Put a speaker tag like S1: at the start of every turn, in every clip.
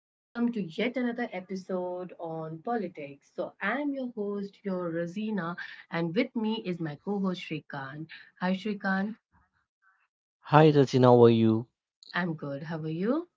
S1: welcome to yet another episode on politics. I'm your host, your Rosina, and with me is my co host, Shrikant. Hi, Shrikant.
S2: Hi Rajin, how are you?
S1: I'm good. How are you?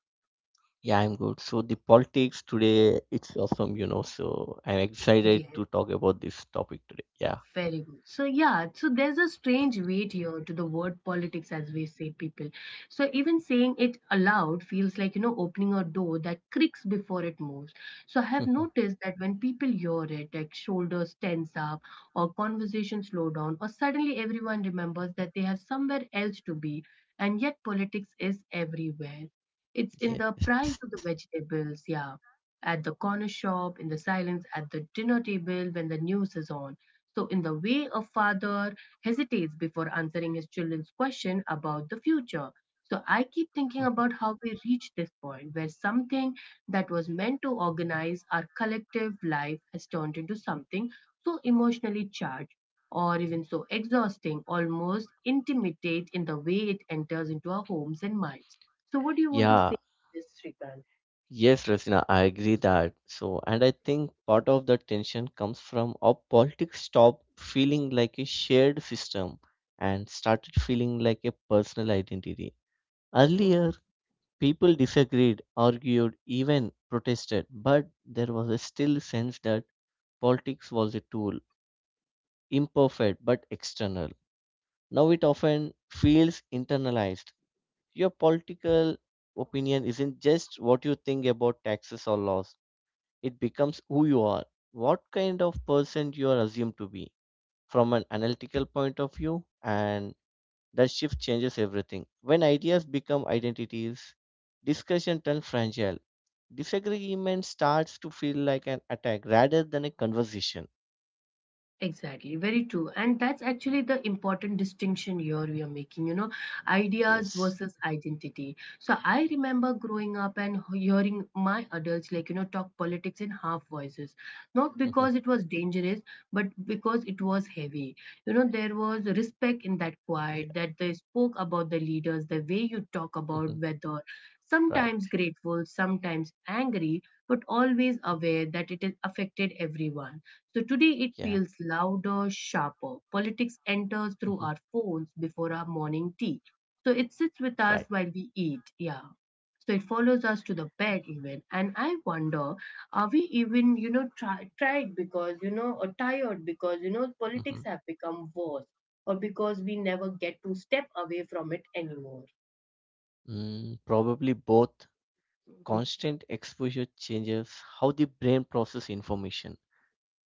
S2: Yeah, I'm good. So the politics today, it's awesome. So I'm excited
S1: Yes.
S2: to talk about this topic today. Yeah.
S1: Very good. So there's a strange weight here to the word politics, as we say, people. So, even saying it aloud feels like, opening a door that creaks before it moves. So, I have noticed that when people hear it, like shoulders tense up, or conversation slow down, or suddenly everyone remembers that they have somewhere else to be, and yet politics is everywhere. It's in the
S2: Yes.
S1: price of the vegetables, yeah, at the corner
S2: Yeah.
S1: shop, in the silence, at the dinner table when the news is on. So, in the way a father hesitates before answering his children's question about the future. So, I keep thinking
S2: Mhm.
S1: about how we reach this point where something that was meant to organize our collective life has turned into something so emotionally charged or even so exhausting, almost intimidate in the way it enters into our homes and minds. So, what do you want to
S2: Yeah.
S1: say, Srikan?
S2: Yes, Rasina, I agree that. So, and I think part of the tension comes from our politics stop feeling like a shared system and started feeling like a personal identity. Earlier, people disagreed, argued, even protested, but there was a still sense that politics was a tool, imperfect but external. Now it often feels internalized. Your political opinion isn't just what you think about taxes or laws, it becomes who you are, what kind of person you are assumed to be from an analytical point of view, and that shift changes everything. When ideas become identities, discussion turns fragile. Disagreement starts to feel like an attack rather than a conversation.
S1: Exactly, very true. And that's actually the important distinction here we are making, you know, ideas
S2: Yes.
S1: versus identity. So I remember growing up and hearing my adults, like, you know, talk politics in half voices, not
S2: Yeah.
S1: because it was dangerous, but because it was heavy. You know, there was respect in that quiet, that they spoke about the leaders, the way you
S2: Mhm.
S1: talk about whether
S2: Right.
S1: sometimes grateful, sometimes angry, but always aware that it has affected everyone. So today
S2: Yeah.
S1: it feels louder, sharper. Politics enters
S2: Mhm.
S1: through our phones before our morning tea. So it sits with
S2: Right.
S1: us while we eat. Yeah. So it follows us to the bed even. And I wonder, are we even, you know, tried or tired
S2: Mhm.
S1: politics have become worse or because we never get to step away from it anymore.
S2: Mm, probably both.
S1: Mhm.
S2: Constant exposure changes how the brain process information.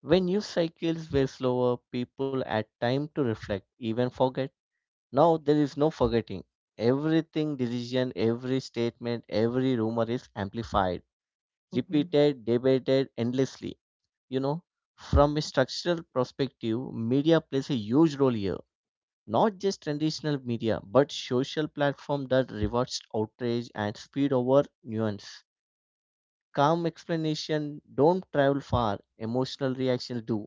S2: When news cycles were slower, people had time to reflect, even forget. Now there is no forgetting. Everything decision, every statement, every rumor is amplified,
S1: Mhm.
S2: repeated, debated endlessly. You know, from a structural perspective, media plays a huge role here, not just traditional media but social platform that rewards outrage and speed over nuance. Calm explanation don't travel far, emotional reactions do.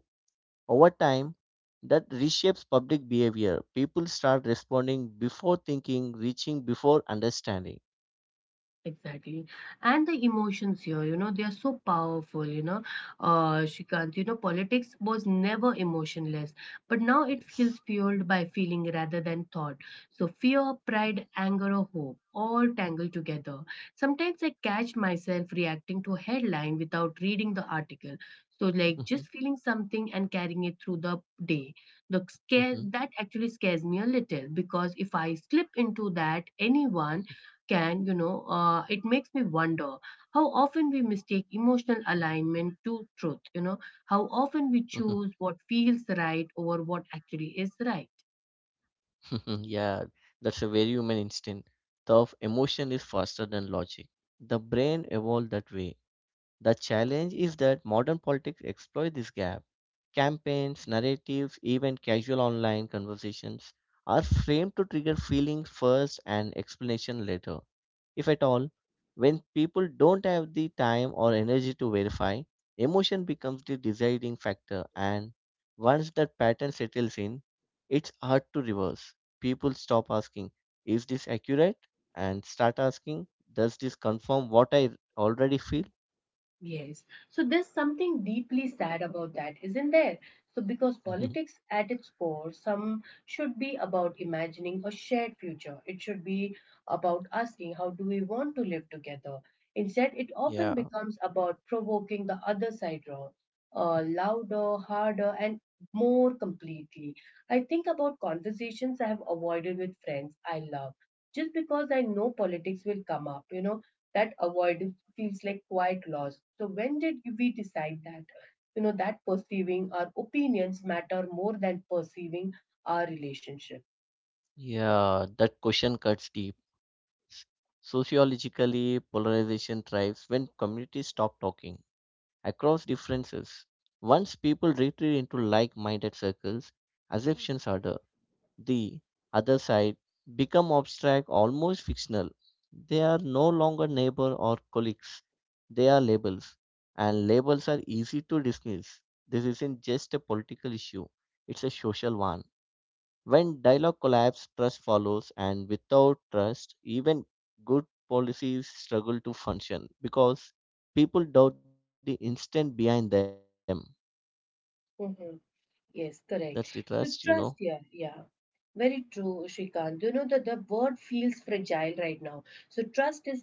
S2: Over time, that reshapes public behavior. People start responding before thinking, reaching before understanding.
S1: Exactly. And the emotions here, you know, they are so powerful, you know. Shrikant, you know, politics was never emotionless, but now it feels
S2: Yes.
S1: fueled by feeling rather than thought. So fear, pride, anger, or hope all tangled together. Sometimes I catch myself reacting to a headline without reading the article. So, like, just
S2: Mhm,
S1: feeling something and carrying it through the day. The scare
S2: mhm,
S1: that actually scares me a little because if I slip into that, anyone can, it makes me wonder how often we mistake emotional alignment to truth, you know, how often we
S2: mhm.
S1: choose what feels right over what actually is right.
S2: Yeah, that's a very human instinct. The emotion is faster than logic. The brain evolved that way. The challenge is that modern politics exploit this gap. Campaigns, narratives, even casual online conversations are framed to trigger feelings first and explanation later, if at all. When people don't have the time or energy to verify, emotion becomes the deciding factor, and once that pattern settles in, it's hard to reverse. People stop asking, "Is this accurate?" and start asking, "Does this confirm what I already feel?"
S1: Yes. So there's something deeply sad about that, isn't there? So, because politics at its core, some should be about imagining a shared future. It should be about asking, how do we want to live together? Instead, it often
S2: Yeah,
S1: becomes about provoking the other side wrong, louder, harder, and more completely. I think about conversations I have avoided with friends I love just because I know politics will come up, you know, that avoidance feels like quite lost. So when did we decide that you know that perceiving our opinions matter more than perceiving our relationship?
S2: yeah, that question cuts deep. S- Sociologically, polarization thrives when communities stop talking across differences. Once people retreat into like minded circles, assumptions are the other side become abstract, almost fictional. They are no longer neighbor or colleagues, they are labels, and labels are easy to dismiss. This isn't just a political issue, it's a social one. When dialogue collapses, trust follows, and without trust, even good policies struggle to function because people doubt the instant behind them.
S1: Mhm.
S2: That's the
S1: Yes,
S2: trust, you
S1: correct.
S2: know.
S1: So trust, yeah, yeah. Very true, Shrikant. You know that the word feels fragile right now. So trust is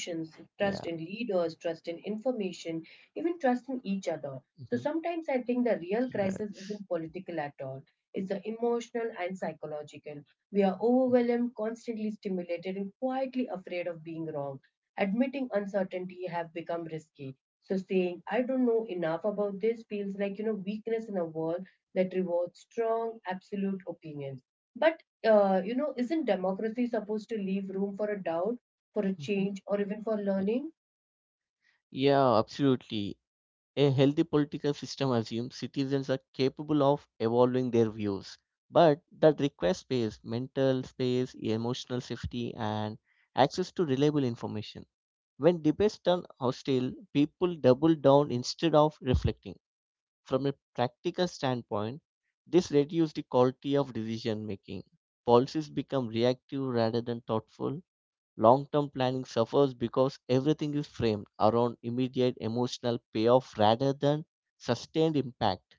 S2: Yeah.
S1: trust in leaders, trust in information, even trust in each other.
S2: Hmm.
S1: So sometimes I think the real
S2: Yes.
S1: crisis isn't political at all. It's the emotional and psychological. We are overwhelmed, constantly stimulated, and quietly afraid of being wrong. Admitting uncertainty have become risky. So saying, I don't know enough about this feels like, you know, weakness in a world that rewards strong, absolute opinions. But, you know, isn't democracy supposed to leave room for a doubt, for a
S2: Hmm.
S1: change, or even for
S2: Yeah.
S1: learning?
S2: Yeah, absolutely. A healthy political system assumes citizens are capable of evolving their views, but that requires space, mental space, emotional safety, and access to reliable information. When debates turn hostile, people double down instead of reflecting. From a practical standpoint, this reduces the quality of decision making. Policies become reactive rather than thoughtful. Long term planning suffers because everything is framed around immediate emotional payoff rather than sustained impact.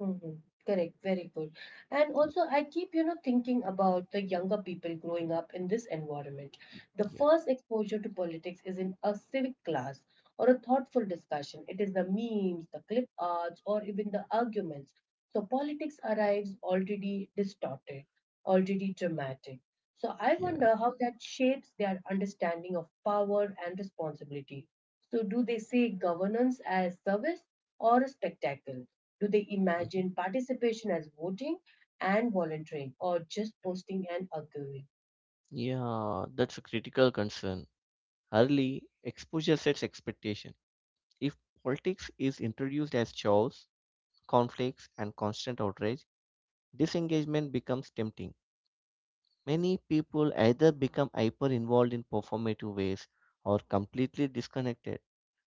S1: Hmm. Correct, very good. And also, I keep, you know, thinking about the younger people growing up in this environment. The
S2: Yeah,
S1: first exposure to politics is in a civic class or a thoughtful discussion. It is the memes, the clip arts, or even the arguments. So politics arrives already distorted, already dramatic. So I
S2: yeah.
S1: wonder how that shapes their understanding of power and responsibility. So do they see governance as service or a spectacle? Do they
S2: Mhm.
S1: imagine participation as voting and volunteering or just posting and arguing?
S2: Yeah, that's a critical concern. Early exposure sets expectation. If politics is introduced as chores, conflicts, and constant outrage, disengagement becomes tempting. Many people either become hyper involved in performative ways or completely disconnected.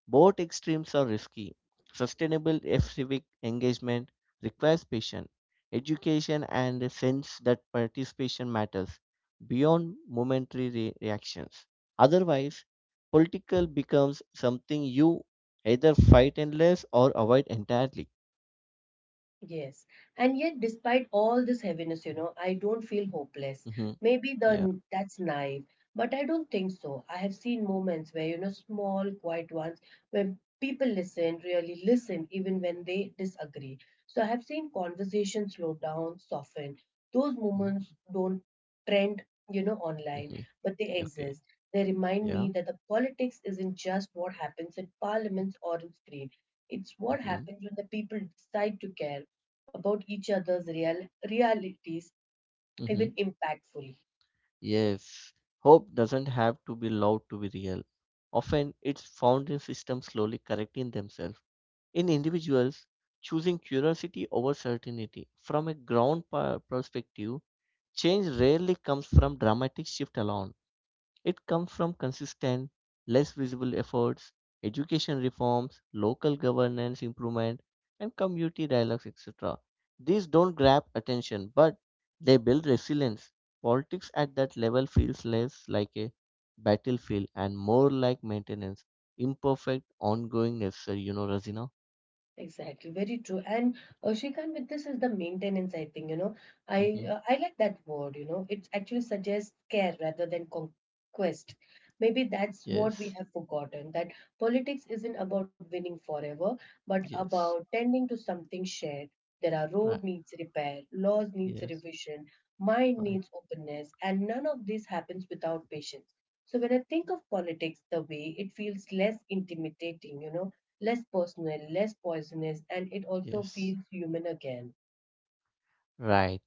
S2: Both extremes are risky. Sustainable F civic engagement requires patience, education, and a sense that participation matters beyond momentary reactions. Otherwise, political becomes something you either fight endless or avoid entirely.
S1: Yes. And yet, despite all this heaviness, you know, I don't feel hopeless.
S2: Hmm.
S1: Maybe
S2: Yeah.
S1: the that's naive, but I don't think so. I have seen moments where, you know, small, quiet ones, when people listen, really listen, even when they disagree. So I have seen conversations slow down, soften. Those moments don't trend, you know, online,
S2: Hmm.
S1: but they
S2: Okay.
S1: exist. They remind
S2: Yeah.
S1: me that the politics isn't just what happens in parliaments or on screen. It's what
S2: Mm-hmm.
S1: happens when the people decide to care about each other's real realities
S2: Mm-hmm.
S1: even impactfully.
S2: Yes. Hope doesn't have to be loud to be real. Often it's found in systems slowly correcting themselves. In individuals, choosing curiosity over certainty from a ground perspective, change rarely comes from dramatic shift alone. It comes from consistent, less visible efforts, education reforms, local governance improvement, and community dialogues, etc. These don't grab attention, but they build resilience. Politics at that level feels less like a battlefield and more like maintenance, imperfect, ongoing, necessary. You know, Razina?
S1: Exactly, very true. And Shrikant, with this is the maintenance, I think, you know. I
S2: Hmm.
S1: uh, I like that word, you know. It actually suggests care rather than conquest. Maybe that's what we
S2: Yes,
S1: have forgotten, that politics isn't about winning forever, but about
S2: yes,
S1: tending to something shared. There are
S2: right,
S1: road needs repair, laws needs
S2: yes,
S1: revision, mind
S2: right,
S1: needs openness, and none of this happens without patience. So when I think of politics the way, it feels less intimidating, you know, less personal, less poisonous, and it also
S2: yes.
S1: feels human again.
S2: Right.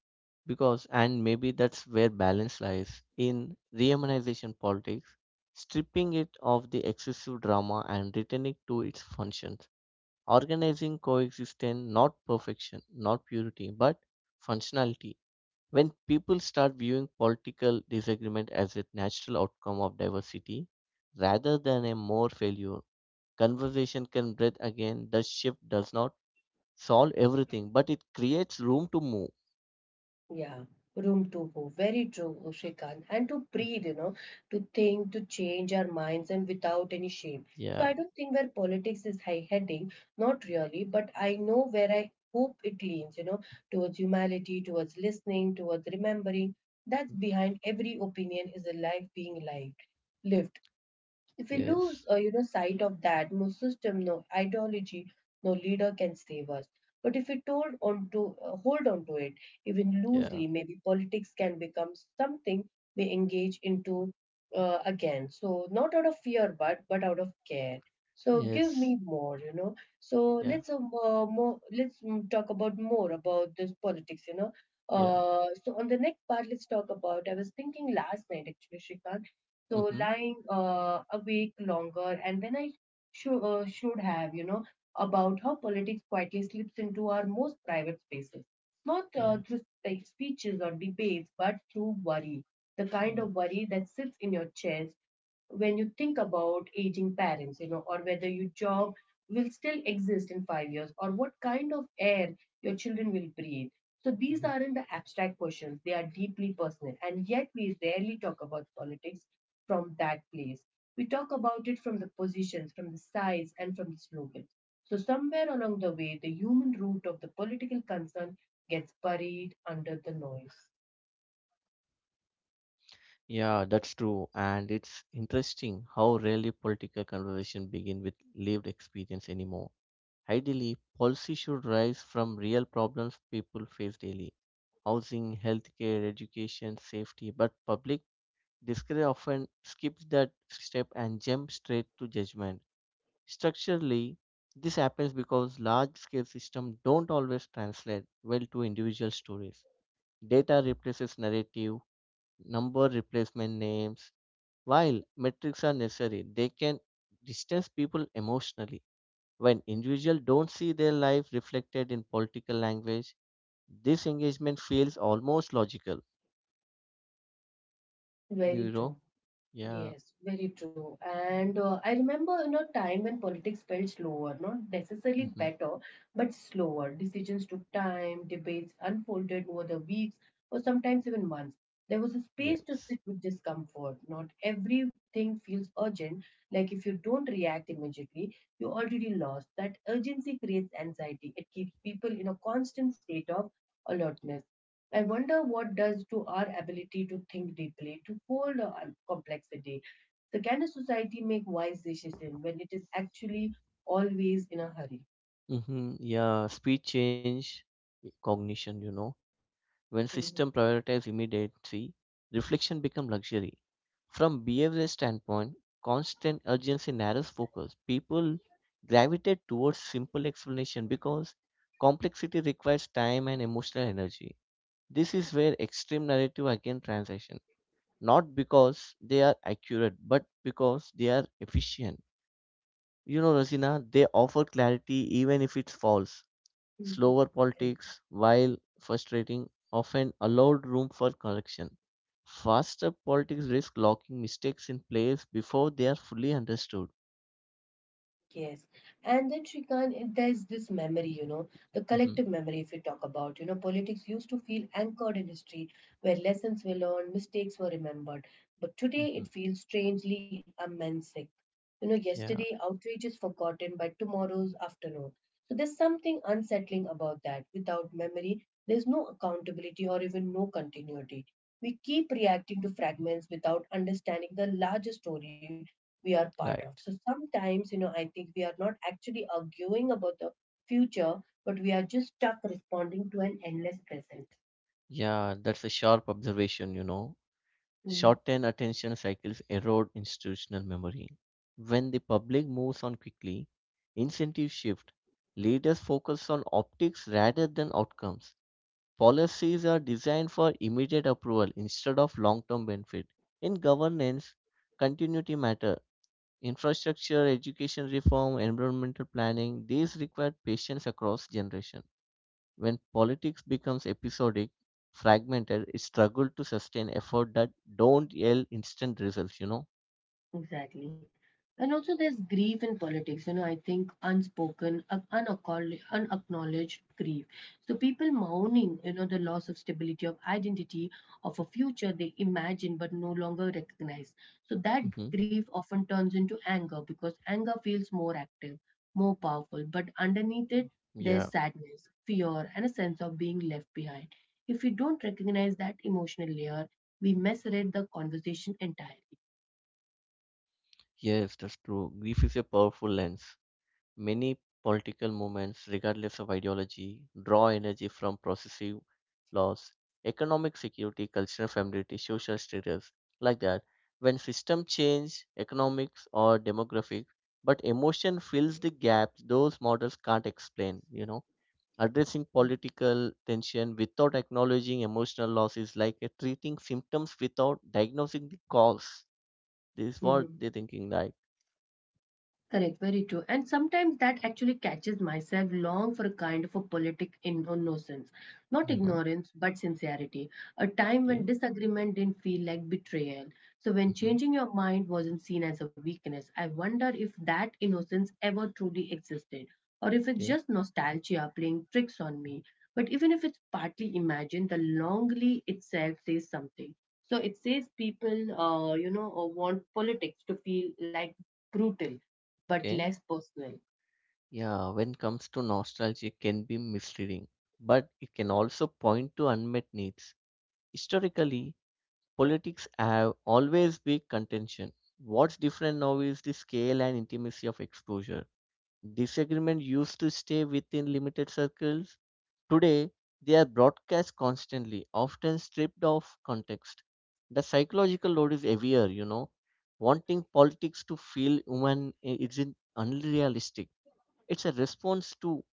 S2: Because, and maybe that's where balance lies in rehumanization politics, stripping it of the excessive drama and returning to its functions, organizing coexistence, not perfection, not purity, but functionality. When people start viewing political disagreement as a natural outcome of diversity rather than a more failure, conversation can breathe again. The shift does not solve everything, but it creates room to move.
S1: Yeah. Room to go. Very true, Shrikant. And to breathe, you know, to think, to change our minds and without any shame. So
S2: Yeah.
S1: I don't think where politics is high heading, not really, but I know where I hope it leans, you know, towards humanity, towards listening, towards remembering. That's
S2: Mm.
S1: behind every opinion is a life being lived. Lived. If we lose,
S2: Yes.
S1: sight of that, no system, no ideology, no leader can save us. But if we told on to, hold on to it, even loosely,
S2: Yeah.
S1: maybe politics can become something we engage into again. So not out of fear, but out of care. So give me
S2: Yes.
S1: more, you know. So let's
S2: Yeah.
S1: um, uh, mo- more let's mm, talk about more about this politics, you know.
S2: Yeah.
S1: So on the next part, let's talk about. I was thinking last night actually, Shrikant, so
S2: Mm-hmm.
S1: lying awake longer, and then I should have, you know, about how politics quietly slips into our most private spaces, not uh, through
S2: Yeah.
S1: spe- speeches or debates, but through worry, the kind of
S2: Yeah.
S1: worry that sits in your chest when you think about aging parents, you know, or whether your job will still exist in 5 years, or what kind of air your children will breathe. So these aren't
S2: Mm-hmm.
S1: the abstract questions, they are deeply personal. And yet we rarely talk about politics from that place. We talk about it from the positions, from the sides, and from the slogans. So somewhere along the way, the human root of the political concern gets buried under the noise.
S2: Yeah, that's true. And it's interesting how rarely political conversation begin with lived experience anymore. Ideally, policy should rise from real problems people face daily. Housing, healthcare, education, safety, but public discourse often skips that step and jumps straight to judgment. Structurally, this happens because large scale systems don't always translate well to individual stories. Data replaces narrative, number replacement names. While metrics are necessary, they can distance people emotionally. When individuals don't see their life reflected in political language, this engagement feels almost logical. Do you
S1: Very
S2: know?
S1: true.
S2: Yeah.
S1: Yes, very true. And I remember, you know, time when politics felt slower, not necessarily
S2: Hmm.
S1: better, but slower. Decisions took time, debates unfolded over the weeks or sometimes even months. There was a space to
S2: Yes.
S1: sit with discomfort. Not everything feels urgent. Like if you don't react immediately, you already lost. That urgency creates anxiety. It keeps people in a constant state of alertness. I wonder what does to our ability to think deeply, to hold on complexity. So can a society make wise decisions when it is actually always in a hurry?
S2: Mm-hmm. Yeah, speed change cognition, When system
S1: Mhm.
S2: prioritize immediacy, reflection become luxury. From behavioral standpoint, constant urgency narrows focus. People gravitate towards simple explanation because complexity requires time and emotional energy. This is where extreme narrative again transition. Not because they are accurate, but because they are efficient. You know, Rasina, they offer clarity even if it's false.
S1: Mhm.
S2: Slower politics, while frustrating, often allowed room for correction. Faster politics risk locking mistakes in place before they are fully understood.
S1: Yes. And then, Shrikant, there's this memory, you know, the collective
S2: Hmm.
S1: memory, if we talk about, you know, politics used to feel anchored in history, where lessons were learned, mistakes were remembered. But today
S2: Hmm.
S1: it feels strangely amnesic. You know,
S2: Yeah,
S1: yesterday outrage is forgotten by tomorrow's afternoon. So there's something unsettling about that. Without memory, there's no accountability or even no continuity. We keep reacting to fragments without understanding the larger story we are part of.
S2: right.
S1: So sometimes, you know, I think we are not actually arguing about the future, but we are just stuck responding to an endless present.
S2: Yeah, that's a sharp observation.
S1: Hmm.
S2: Short-term attention cycles erode institutional memory. When the public moves on quickly, incentives shift. Leaders focus on optics rather than outcomes. Policies are designed for immediate approval instead of long-term benefit. In governance, continuity matter. Infrastructure, education reform, environmental planning, these require patience across generations. When politics becomes episodic, fragmented, it struggles to sustain effort that don't yield instant results, you know?
S1: Exactly. And also, there's grief in politics, you know, I think unacknowledged grief. So, people mourning, you know, the loss of stability, of identity, of a future they imagine but no longer recognize. So, that
S2: Hmm.
S1: grief often turns into anger because anger feels more active, more powerful, but underneath it,
S2: Yeah.
S1: there's sadness, fear, and a sense of being left behind. If we don't recognize that emotional layer, we misread the conversation entirely.
S2: Yes, that's true. Grief is a powerful lens. Many political movements, regardless of ideology, draw energy from processive laws, economic security, cultural familiarity, social status, like that. When system change, economics or demographic, but emotion fills the gaps those models can't explain. Addressing political tension without acknowledging emotional loss is like treating symptoms without diagnosing the cause. This is what
S1: Mhm.
S2: they're thinking like.
S1: Correct, very true. And sometimes that actually catches myself long for a kind of a politic innocence. Not
S2: Yeah.
S1: ignorance, but sincerity. A time when
S2: Okay.
S1: disagreement didn't feel like betrayal. So when
S2: Mm-hmm.
S1: changing your mind wasn't seen as a weakness, I wonder if that innocence ever truly existed, or if it's
S2: Okay.
S1: just nostalgia playing tricks on me. But even if it's partly imagined, the longly itself says something. So it says people, want politics to feel like brutal but
S2: Okay.
S1: less personal.
S2: Yeah, when comes to nostalgia, it can be misleading, but it can also point to unmet needs. Historically, politics have always been contention. What's different now is the scale and intimacy of exposure. Disagreement used to stay within limited circles. Today, they are broadcast constantly, often stripped of context. The psychological load is heavier. Wanting politics to feel human isn't unrealistic, it's a response to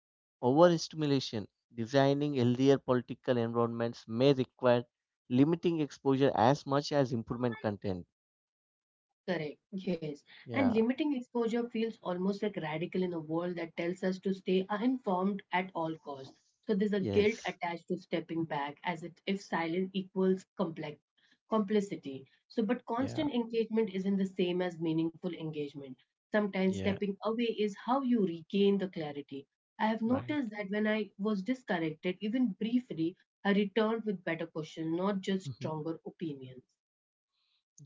S2: overstimulation. Designing healthier political environments may require limiting exposure as much as improvement content.
S1: Correct. Yes. And
S2: Yeah,
S1: limiting exposure feels almost like radical in a world that tells us to stay informed at all costs. So there's a guilt
S2: yes,
S1: attached to stepping back as it, if silence equals complex complicity. So but
S2: yeah,
S1: constant engagement isn't the same as meaningful engagement. Sometimes
S2: yeah,
S1: stepping away is how you regain the clarity. I have
S2: right.
S1: noticed that when I was disconnected, even briefly, I returned with better questions, not just
S2: Hmm.
S1: stronger opinions.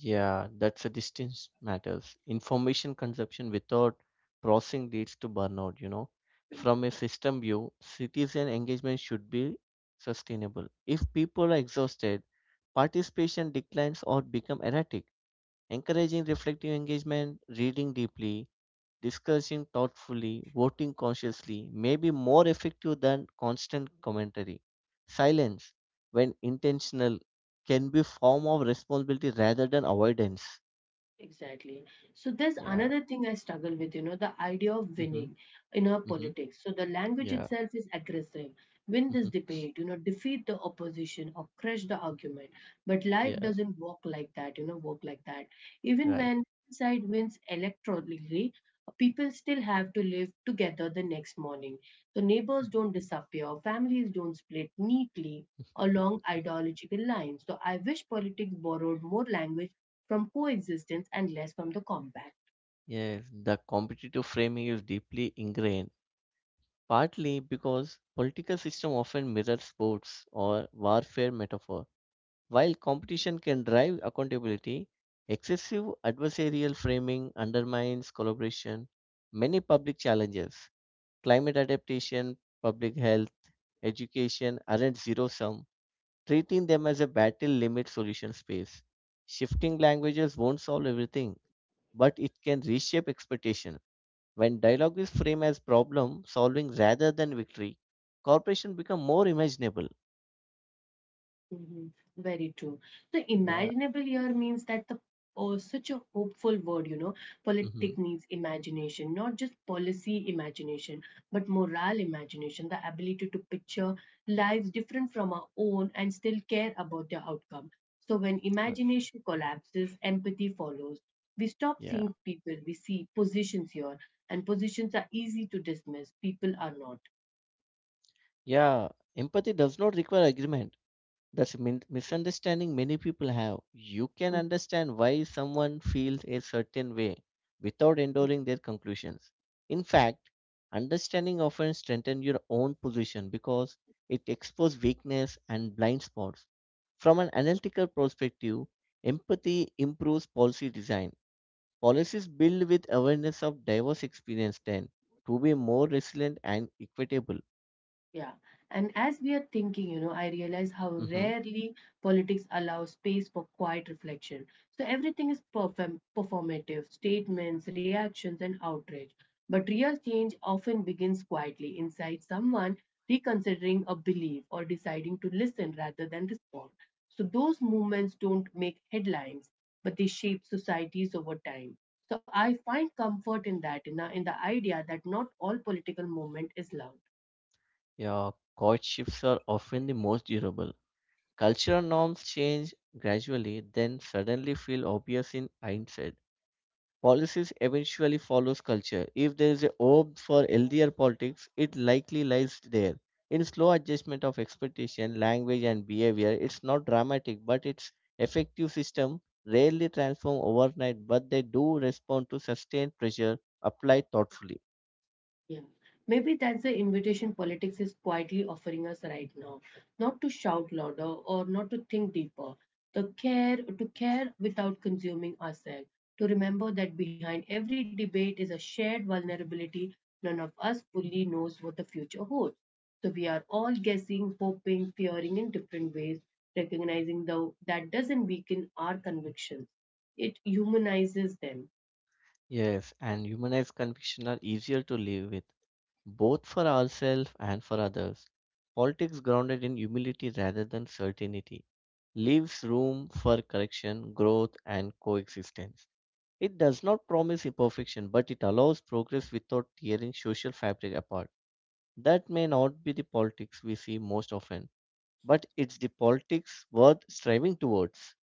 S2: Yeah, that's a distance matters. Information consumption without processing leads to burnout. From a system view, citizen engagement should be sustainable. If people are exhausted, participation declines or become erratic. Encouraging reflective engagement, reading deeply, discussing thoughtfully, voting consciously may be more effective than constant commentary. Silence, when intentional, can be form of responsibility rather than avoidance.
S1: Exactly. So there's
S2: Yeah.
S1: another thing I struggle with, you know, the idea of
S2: Mm-hmm.
S1: winning in our
S2: Mm-hmm.
S1: politics. So the language
S2: Yeah.
S1: itself is aggressive. Win this
S2: Mm-hmm.
S1: debate, you know, defeat the opposition or crush the argument. But life
S2: Yeah.
S1: doesn't work like that, you know, work like that. Even
S2: Right.
S1: when one side wins electorally, people still have to live together the next morning. So neighbors don't disappear, families don't split neatly along
S2: Y-
S1: ideological lines. So I wish politics borrowed more language from coexistence and less from the combat.
S2: Yes, the competitive framing is deeply ingrained, partly because political system often mirror sports or warfare metaphors. While competition can drive accountability, excessive adversarial framing undermines collaboration. Many public challenges, climate adaptation, public health, education, aren't zero sum. Treating them as a battle limits solution space. Shifting languages won't solve everything, but it can reshape expectation. When dialogue is framed as problem solving rather than victory, cooperation become more imaginable.
S1: Mhm. Very true. The
S2: Yeah.
S1: imaginable year means that the oh, such a hopeful word, you know. Politic
S2: Hmm.
S1: needs imagination, not just policy imagination, but morale imagination, the ability to picture lives different from our own and still care about their outcome. So when imagination collapses, empathy follows. We stop
S2: Yeah.
S1: seeing people, we see positions here, and positions are easy to dismiss, people are not.
S2: Yeah, empathy does not require agreement. That's a misunderstanding many people have. You can
S1: Mhm.
S2: understand why someone feels a certain way without endorsing their conclusions. In fact, understanding often strengthens your own position because it exposes weakness and blind spots. From an analytical perspective, empathy improves policy design. Policies built with awareness of diverse experience tend to be more resilient and equitable.
S1: Yeah. And as we are thinking, you know, I realize how
S2: Mhm.
S1: rarely politics allows space for quiet reflection. So everything is performative statements, reactions, and outrage. But real change often begins quietly inside someone reconsidering a belief or deciding to listen rather than respond. So those movements don't make headlines, but they shape societies over time. So I find comfort in that, in the idea that not all political movement is loud.
S2: Yeah, courtships are often the most durable. Cultural norms change gradually, then suddenly feel obvious in hindsight. Policies eventually follows culture. If there is a hope for healthier politics, it likely lies there. In slow adjustment of expectation, language and behavior, it's not dramatic, but its effective system rarely transform overnight, but they do respond to sustained pressure applied thoughtfully.
S1: Yeah, maybe that's the invitation politics is quietly offering us right now. Not to shout louder or not to think deeper. The care to care without consuming ourselves. To remember that behind every debate is a shared vulnerability. None of us fully knows what the future holds. So we are all guessing, hoping, fearing in different ways, recognizing though that doesn't weaken our convictions. It humanizes them.
S2: Yes, and humanized conviction are easier to live with, both for ourselves and for others. Politics grounded in humility rather than certainty leaves room for correction, growth, and coexistence. It does not promise imperfection, but it allows progress without tearing social fabric apart. That may not be the politics we see most often, but it's the politics worth striving towards.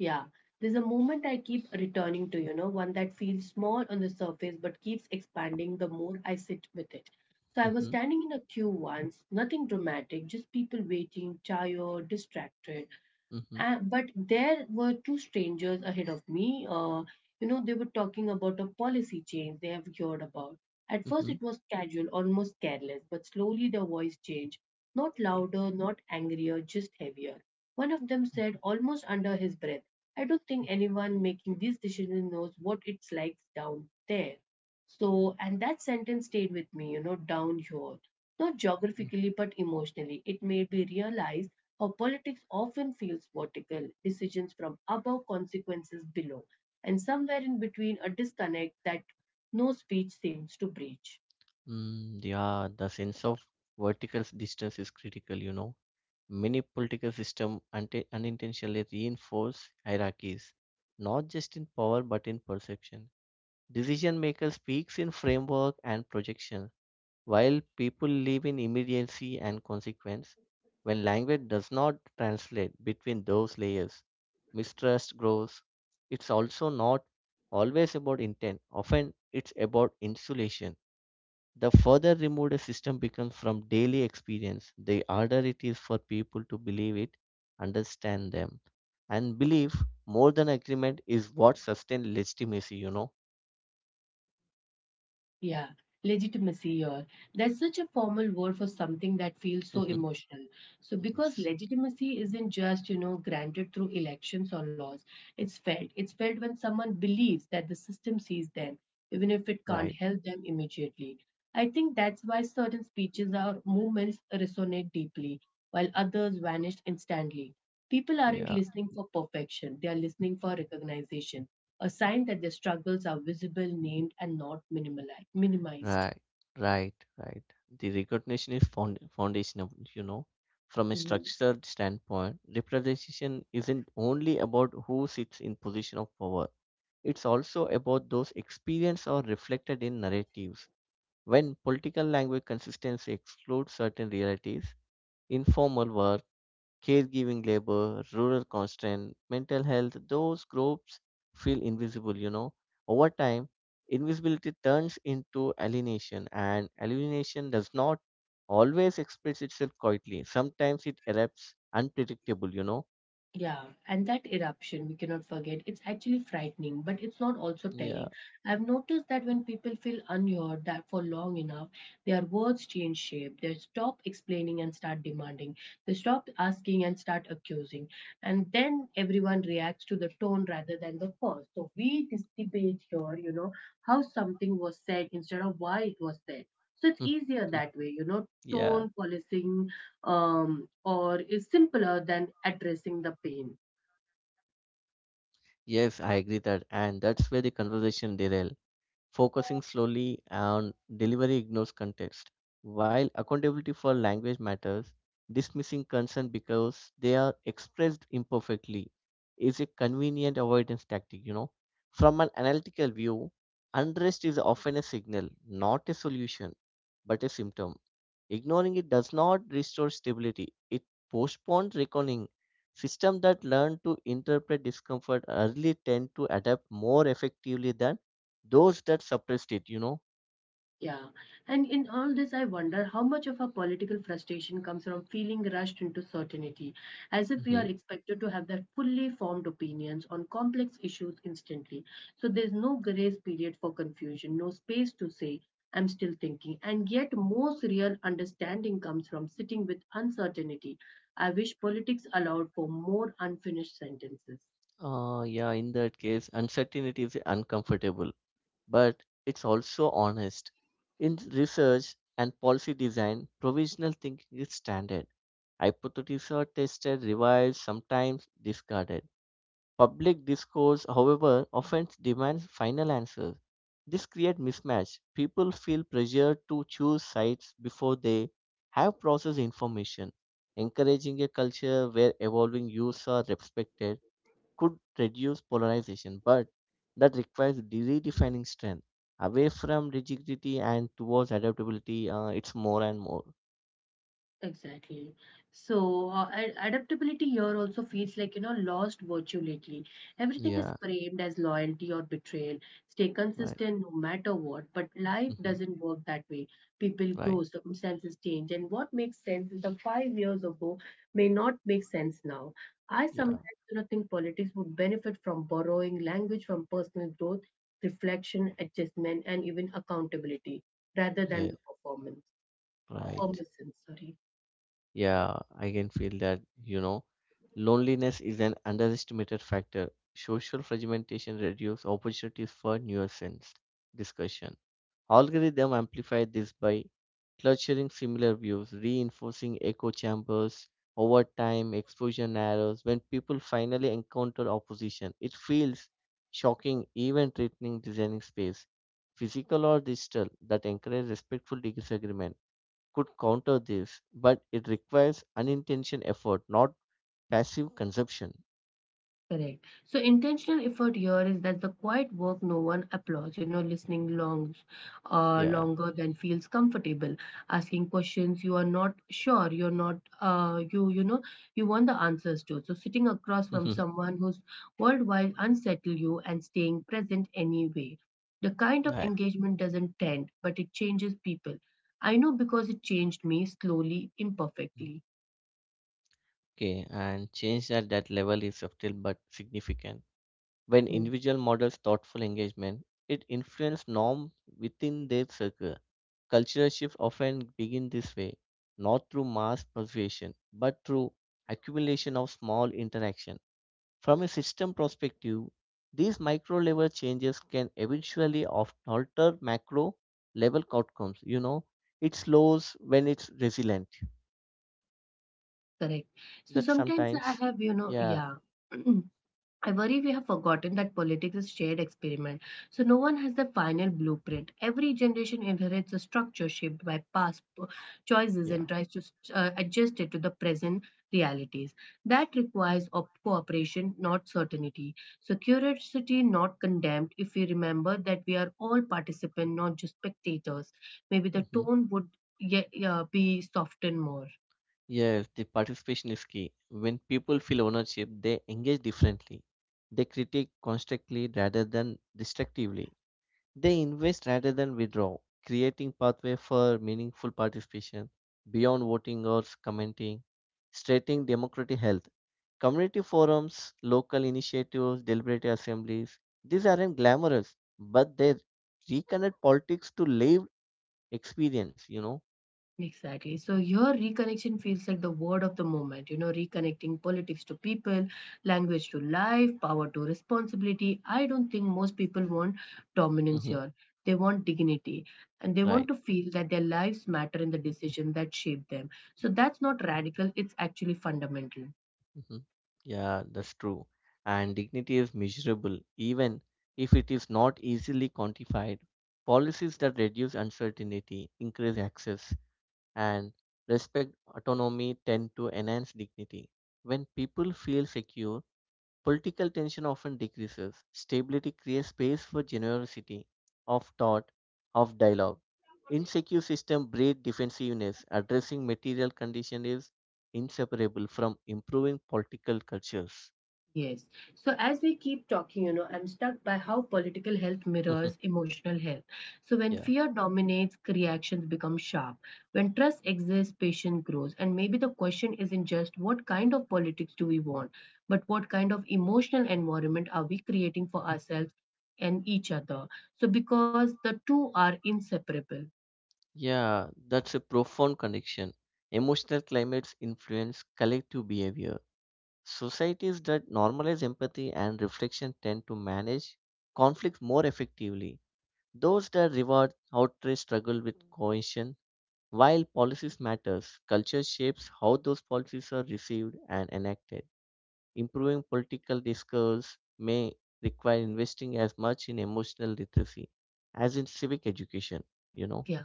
S1: Yeah, there's a moment I keep returning to, you know, one that feels small on the surface but keeps expanding the more I sit with it. So I was
S2: Hmm.
S1: standing in a queue once, nothing dramatic, just people waiting, tired, distracted.
S2: Hmm.
S1: But there were two strangers ahead of me. They were talking about a policy change they have heard about. At first,
S2: Hmm.
S1: it was casual, almost careless, but slowly their voice changed. Not
S2: Okay.
S1: louder, not angrier, just heavier. One of them said,
S2: Mm-hmm,
S1: almost under his breath, I don't think anyone making these decisions knows what it's like down there. So, and that sentence stayed with me, you know, down here. Not
S2: mm-hmm.
S1: geographically, but emotionally. It made me realize our politics often feels vertical, decisions from above, consequences below, and somewhere in between a disconnect that no speech seems to breach.
S2: Mm, yeah, the sense of vertical distance is critical. Many political systems unintentionally reinforce hierarchies, not just in power but in perception. Decision maker speaks in framework and projection, while people live in immediacy and consequence. When language does not translate between those layers, mistrust grows. It's also not always about intent, often, it's about insulation. The further removed a system becomes from daily experience, the harder it is for people to believe it, understand them. And belief, more than agreement, is what sustains legitimacy?
S1: Yeah, legitimacy or that's such a formal word for something that feels so emotional. So because
S2: Yes.
S1: legitimacy isn't just, you know, granted through elections or laws. It's felt. It's felt when someone believes that the system sees them, even if it
S2: Right.
S1: can't help them immediately. I think that's why certain speeches or movements resonate deeply, while others vanish instantly. People aren't
S2: Yeah.
S1: listening for perfection, they are listening for recognition, a sign that their struggles are visible, named, and not minimized.
S2: Right, right, right. The recognition is found foundational. From a
S1: Mhm.
S2: structural standpoint, representation isn't only about who sits in position of power. It's also about those experienced or reflected in narratives. When political language consistency excludes certain realities, informal work, caregiving labor, rural constraint, mental health, those groups feel invisible. Over time, invisibility turns into alienation, and alienation does not always express itself quietly. Sometimes it erupts unpredictable.
S1: Yeah, and that eruption, we cannot forget, it's actually frightening, but it's not also telling.
S2: Yeah.
S1: I've noticed that when people feel unheard that for long enough, their words change shape. They stop explaining and start demanding. They stop asking and start accusing. And then everyone reacts to the tone rather than the cause. So we this debate here, you know, how something was said instead of why it was said. So it's easier that way,
S2: Yeah.
S1: tone policing or is simpler than addressing the pain.
S2: Yes, I agree that. And that's where the conversation derail. Focusing slowly and delivery ignores context. While accountability for language matters, dismissing concern because they are expressed imperfectly is a convenient avoidance tactic. From an analytical view, unrest is often a signal, not a solution, but a symptom. Ignoring it does not restore stability, it postpones reckoning. Systems that learn to interpret discomfort early tend to adapt more effectively than those that suppressed it.
S1: Yeah. And in all this, I wonder how much of our political frustration comes from feeling rushed into certainty, as if we are
S2: hmm
S1: expected to have the fully formed opinions on complex issues instantly. So there's no grace period for confusion, no space to say, I'm still thinking. And yet, most real understanding comes from sitting with uncertainty. I wish politics allowed for more unfinished sentences.
S2: yeah, in that case, uncertainty is uncomfortable, but it's also honest. In research and policy design, provisional thinking is standard. Hypotheses are tested, revised, sometimes discarded. Public discourse, however, often demands final answers. This creates mismatch. People feel pressured to choose sides before they have processed information. Encouraging a culture where evolving views are respected could reduce polarization, but that requires redefining strength away from rigidity and towards adaptability. It's more and more.
S1: Exactly. So adaptability here also feels like you know lost virtue lately. Everything is
S2: Yeah,
S1: framed as loyalty or betrayal. Stay
S2: right.
S1: consistent no matter what, but life
S2: hmm
S1: doesn't work that way. People
S2: Right.
S1: grow, circumstances change, and what makes sense the 5 years ago may not make sense now. I
S2: Yeah.
S1: sometimes think politics would benefit from borrowing language from personal growth, reflection, adjustment, and even accountability rather than
S2: Yeah.
S1: the performance.
S2: Right.
S1: Permission, sorry.
S2: Yeah, I can feel that. Loneliness is an underestimated factor. Social fragmentation reduces opportunities for nuanced discussion. Algorithm amplify this by clustering similar views, reinforcing echo chambers. Over time, exposure narrows. When people finally encounter opposition, it feels shocking, even threatening, designing space, physical or digital, that encourage respectful disagreement could counter this, but it requires unintentional effort, not passive consumption.
S1: Correct. So intentional effort here is that the quiet work no one applauds, you know, listening long,
S2: Yeah.
S1: longer than feels comfortable, asking questions you are not sure, you're not, you, you know, you want the answers to. So sitting across from
S2: Mhm.
S1: someone who's worldwide unsettle you and staying present anyway. The kind of
S2: Right.
S1: engagement doesn't tend, but it changes people. I know because it changed me slowly, imperfectly.
S2: Okay, and change at that level is subtle but significant. When
S1: Mm,
S2: individual models thoughtful engagement, it influences norms within their circle. Cultural shifts often begin this way, not through mass persuasion, but through accumulation of small interactions. From a system perspective, these micro level changes can eventually alter macro level outcomes. You know, it slows when it's resilient.
S1: correct. So
S2: That
S1: sometimes I
S2: sometimes,
S1: have, you know,
S2: yeah,
S1: yeah. I worry we have forgotten that politics is shared experiment, so no one has the final blueprint. Every generation inherits a structure shaped by choices
S2: yeah.
S1: and tries to adjust it to the present realities. That requires cooperation, not certainty. So curiosity, not contempt. If we remember that we are all participants, not just spectators, maybe the
S2: hmm
S1: tone would be softened more.
S2: Yes, the participation is key. When people feel ownership, they engage differently. They critique constructively rather than destructively. They invest rather than withdraw, creating pathway for meaningful participation beyond voting or commenting, strengthening democratic health. Community forums, local initiatives, deliberative assemblies, these aren't glamorous, but they reconnect politics to lived experience, you know?
S1: Exactly. So your reconnection feels like the word of the moment, you know, reconnecting politics to people, language to life, power to responsibility. I don't think most people want dominance
S2: hmm
S1: here. They want dignity and they want to
S2: Right.
S1: feel that their lives matter in the decision that shape them. So that's not radical, it's actually fundamental.
S2: hmm Yeah, that's true. And dignity is measurable, even if it is not easily quantified. Policies that reduce uncertainty, increase access, and respect autonomy tend to enhance dignity. When people feel secure, political tension often decreases. Stability creates space for generosity of thought, of dialogue. Insecure system breed defensiveness. Addressing material condition is inseparable from improving political cultures.
S1: Yes. So as we keep talking, you know, I'm stuck by how political health mirrors emotional health. So when
S2: Yeah.
S1: fear dominates, reactions become sharp. When trust exists, patience grows. And maybe the question isn't just what kind of politics do we want, but what kind of emotional environment are we creating for ourselves and each other? So because the two are inseparable.
S2: Yeah, that's a profound connection. Emotional climates influence collective behavior. Societies that normalize empathy and reflection tend to manage conflicts more effectively. Those that reward outright struggle with coercion. While policies matters, culture shapes how those policies are received and enacted. Improving political discourse may require investing as much in emotional literacy as in civic education, you know?
S1: Yeah.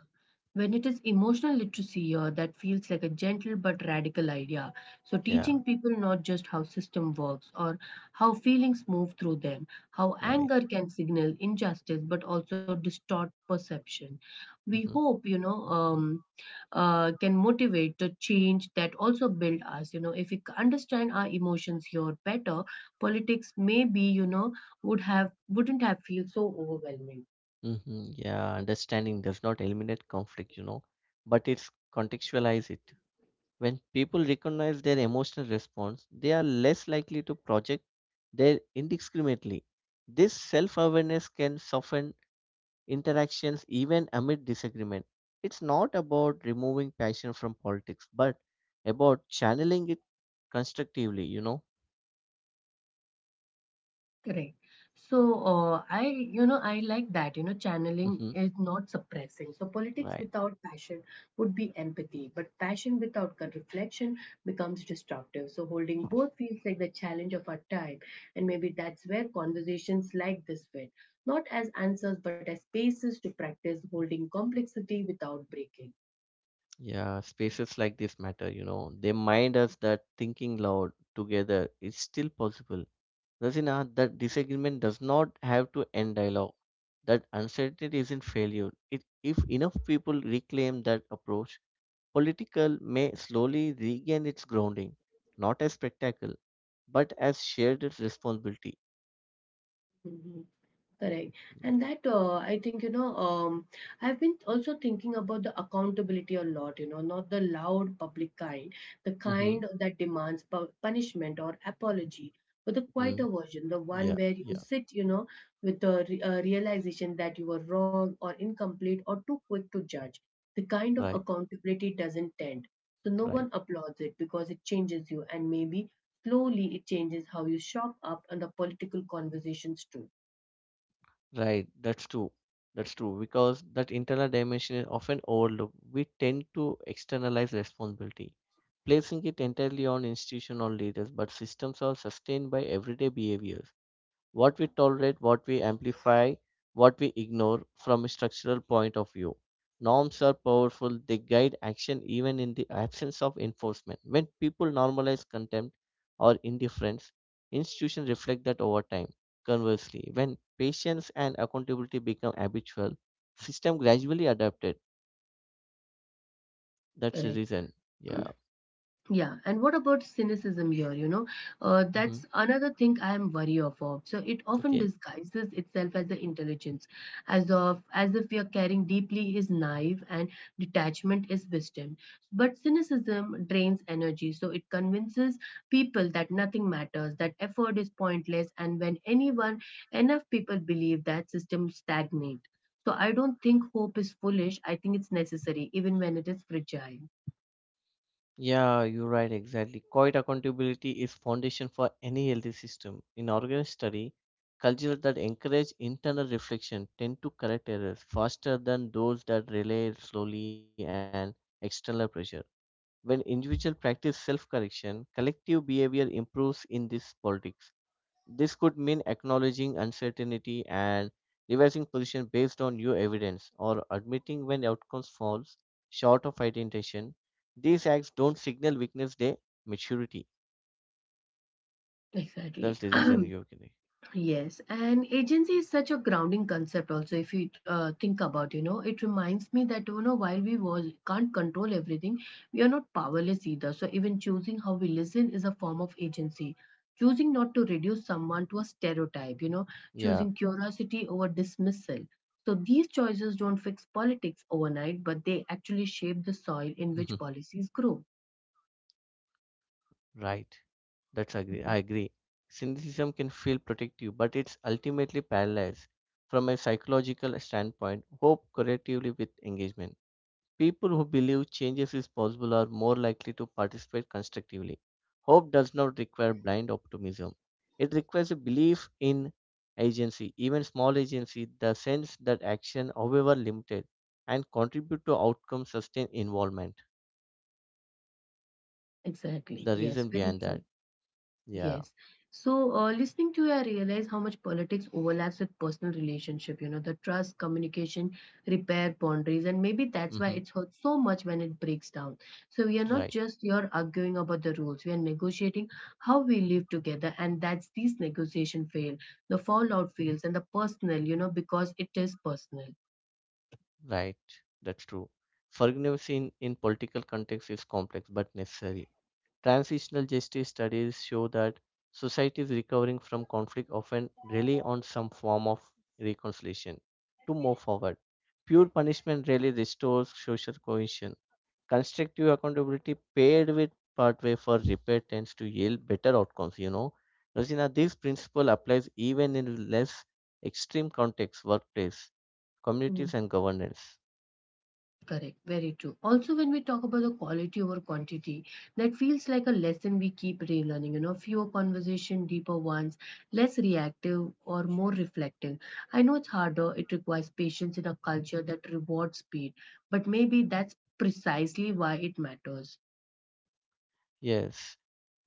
S1: When it is emotional literacy, that feels like a gentle but radical idea. So,
S2: Yeah,
S1: teaching people not just how system works or how feelings move through them, how
S2: right.
S1: anger can signal injustice but also distort perception. We
S2: hmm
S1: hope, can motivate the change that also build us. You know, if we understand our emotions here better, politics maybe, you know, wouldn't have feel so overwhelming.
S2: Yeah, understanding does not eliminate conflict, but it's contextualize it. When people recognize their emotional response, they are less likely to project their indiscriminately. This self awareness can soften interactions even amid disagreement. It's not about removing passion from politics, but about channeling it constructively, you know?
S1: Correct. So, I like that, you know, channeling
S2: hmm
S1: is not suppressing. So, politics
S2: Right.
S1: without passion would be empathy, but passion without reflection becomes destructive. So, holding both feels like the challenge of our time. And maybe that's where conversations like this fit, not as answers, but as spaces to practice holding complexity without breaking.
S2: Yeah, spaces like this matter. They mind us that thinking loud together is still possible, Rasina, that disagreement does not have to end dialogue. That uncertainty isn't failure. It, if enough people reclaim that approach, political may slowly regain its grounding, not as spectacle, but as shared responsibility.
S1: Mm-hmm. Correct.
S2: Yeah.
S1: And that, I think, I've been also thinking about the accountability a lot, you know, not the loud public kind, the
S2: Mm-hmm.
S1: kind that demands punishment or apology, but the quieter
S2: Mm,
S1: version, the one
S2: yeah,
S1: where you
S2: yeah,
S1: sit, you know, with the realization that you were wrong or incomplete or too quick to judge. The kind of
S2: right,
S1: accountability doesn't tend. So no
S2: right.
S1: one applauds it because it changes you, and maybe slowly it changes how you show up on the political conversations too.
S2: Right, that's true. That's true because that internal dimension is often overlooked. We tend to externalize responsibility, placing it entirely on institution or leaders, but systems are sustained by everyday behaviors, what we tolerate, what we amplify, what we ignore from a structural point of view. Norms are powerful, they guide action even in the absence of enforcement. When people normalize contempt or indifference, institutions reflect that over time. Conversely, when patience and accountability become habitual, system gradually adapted. That's the
S1: Correct.
S2: reason. Yeah.
S1: Yeah, and what about cynicism here? You know,
S2: hmm
S1: that's another thing I am wary of. So it often
S2: Okay.
S1: disguises itself as the intelligence, as if we are caring deeply is naive and detachment is wisdom. But cynicism drains energy, so it convinces people that nothing matters, that effort is pointless, and enough people believe that system stagnate. So I don't think hope is foolish. I think it's necessary, even when it is fragile.
S2: Yeah, you're right, exactly. Quite accountability is foundation for any healthy system. In organic study, cultures that encourage internal reflection tend to correct errors faster than those that rely slowly and external pressure. When individuals practice self-correction, collective behavior improves in this politics. This could mean acknowledging uncertainty and revising position based on new evidence or admitting when outcomes falls short of intention. These acts don't signal weakness, they maturity.
S1: Exactly.
S2: That's the reason you agree.
S1: Yes. And agency is such a grounding concept also if you think about, you know, it reminds me that, you know, while we was, can't control everything, we are not powerless either. So even choosing how we listen is a form of agency. Choosing not to reduce someone to a stereotype, you
S2: Yeah.
S1: know, choosing curiosity over dismissal. So these choices don't fix politics overnight, but they actually shape the soil
S2: Mhm.
S1: in which policies grow.
S2: Right. That's agree. I
S1: Mhm.
S2: agree. Cynicism can feel protective, but it's ultimately paralyzed. From a psychological standpoint, hope correlatively with engagement. People who believe changes is possible are more likely to participate constructively. Hope does not require blind optimism. It requires a belief in agency, even small agency, the sense that action, however limited, and contribute to outcome sustain involvement.
S1: Exactly.
S2: The
S1: Yes,
S2: reason
S1: very
S2: behind
S1: true.
S2: that. Yeah.
S1: Yes. So, listening to you, I realize how much politics overlaps with personal relationship. You know, the trust, communication, repair, boundaries, and maybe that's why
S2: hmm
S1: it's hurt so much when it breaks down. So, we are not
S2: Right.
S1: just here arguing about the rules. We are negotiating how we live together, and that's these negotiation fail, the fallout fails, and the personal. You know, because it is personal.
S2: Right. That's true. Forgiveness in political context is complex but necessary. Transitional justice studies show that societies recovering from conflict often rely on some form of reconciliation to move forward. Pure punishment rarely restores social cohesion. Constructive accountability paired with pathway for repair tends to yield better outcomes, you know. Rosina, this principle applies even in less extreme contexts, workplace, communities and governance.
S1: Correct, very true. Also, when we talk about the quality over quantity, that feels like a lesson we keep relearning. You know, fewer conversation, deeper ones, less reactive or more reflective. I know it's harder, it requires patience in a culture that rewards speed, but maybe that's precisely why it matters.
S2: Yes.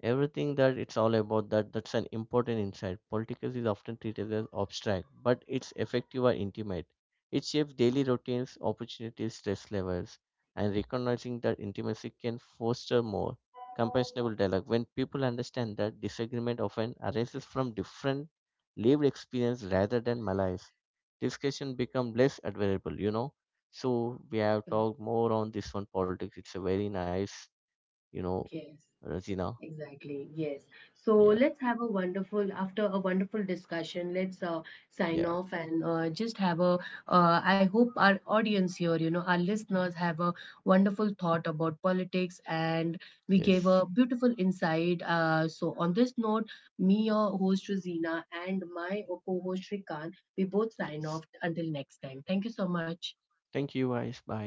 S2: Everything that it's all about that, that's an important insight. Politics is often treated as abstract but it's effective or intimate. It shapes daily routines, opportunities, stress levels, and recognizing that intimacy can foster more compassionable dialogue. When people understand that disagreement often arises from different lived experience rather than malice, discussion become less admirable, you know. So we have
S1: Correct.
S2: talked more on this one politics, it's a very nice, you know,
S1: Yes.
S2: Razina.
S1: Exactly, yes. So
S2: Yeah,
S1: let's have a wonderful, after a wonderful discussion, let's
S2: yeah.
S1: sign off and just have a, I hope our audience here, you know, our listeners have a wonderful thought about politics and we gave
S2: Yes.
S1: a beautiful insight. So on this note, me, your host, Rosina, and my co-host, Shrikant, we both sign
S2: Yes.
S1: off until next time. Thank you so much.
S2: Thank you, guys. Bye.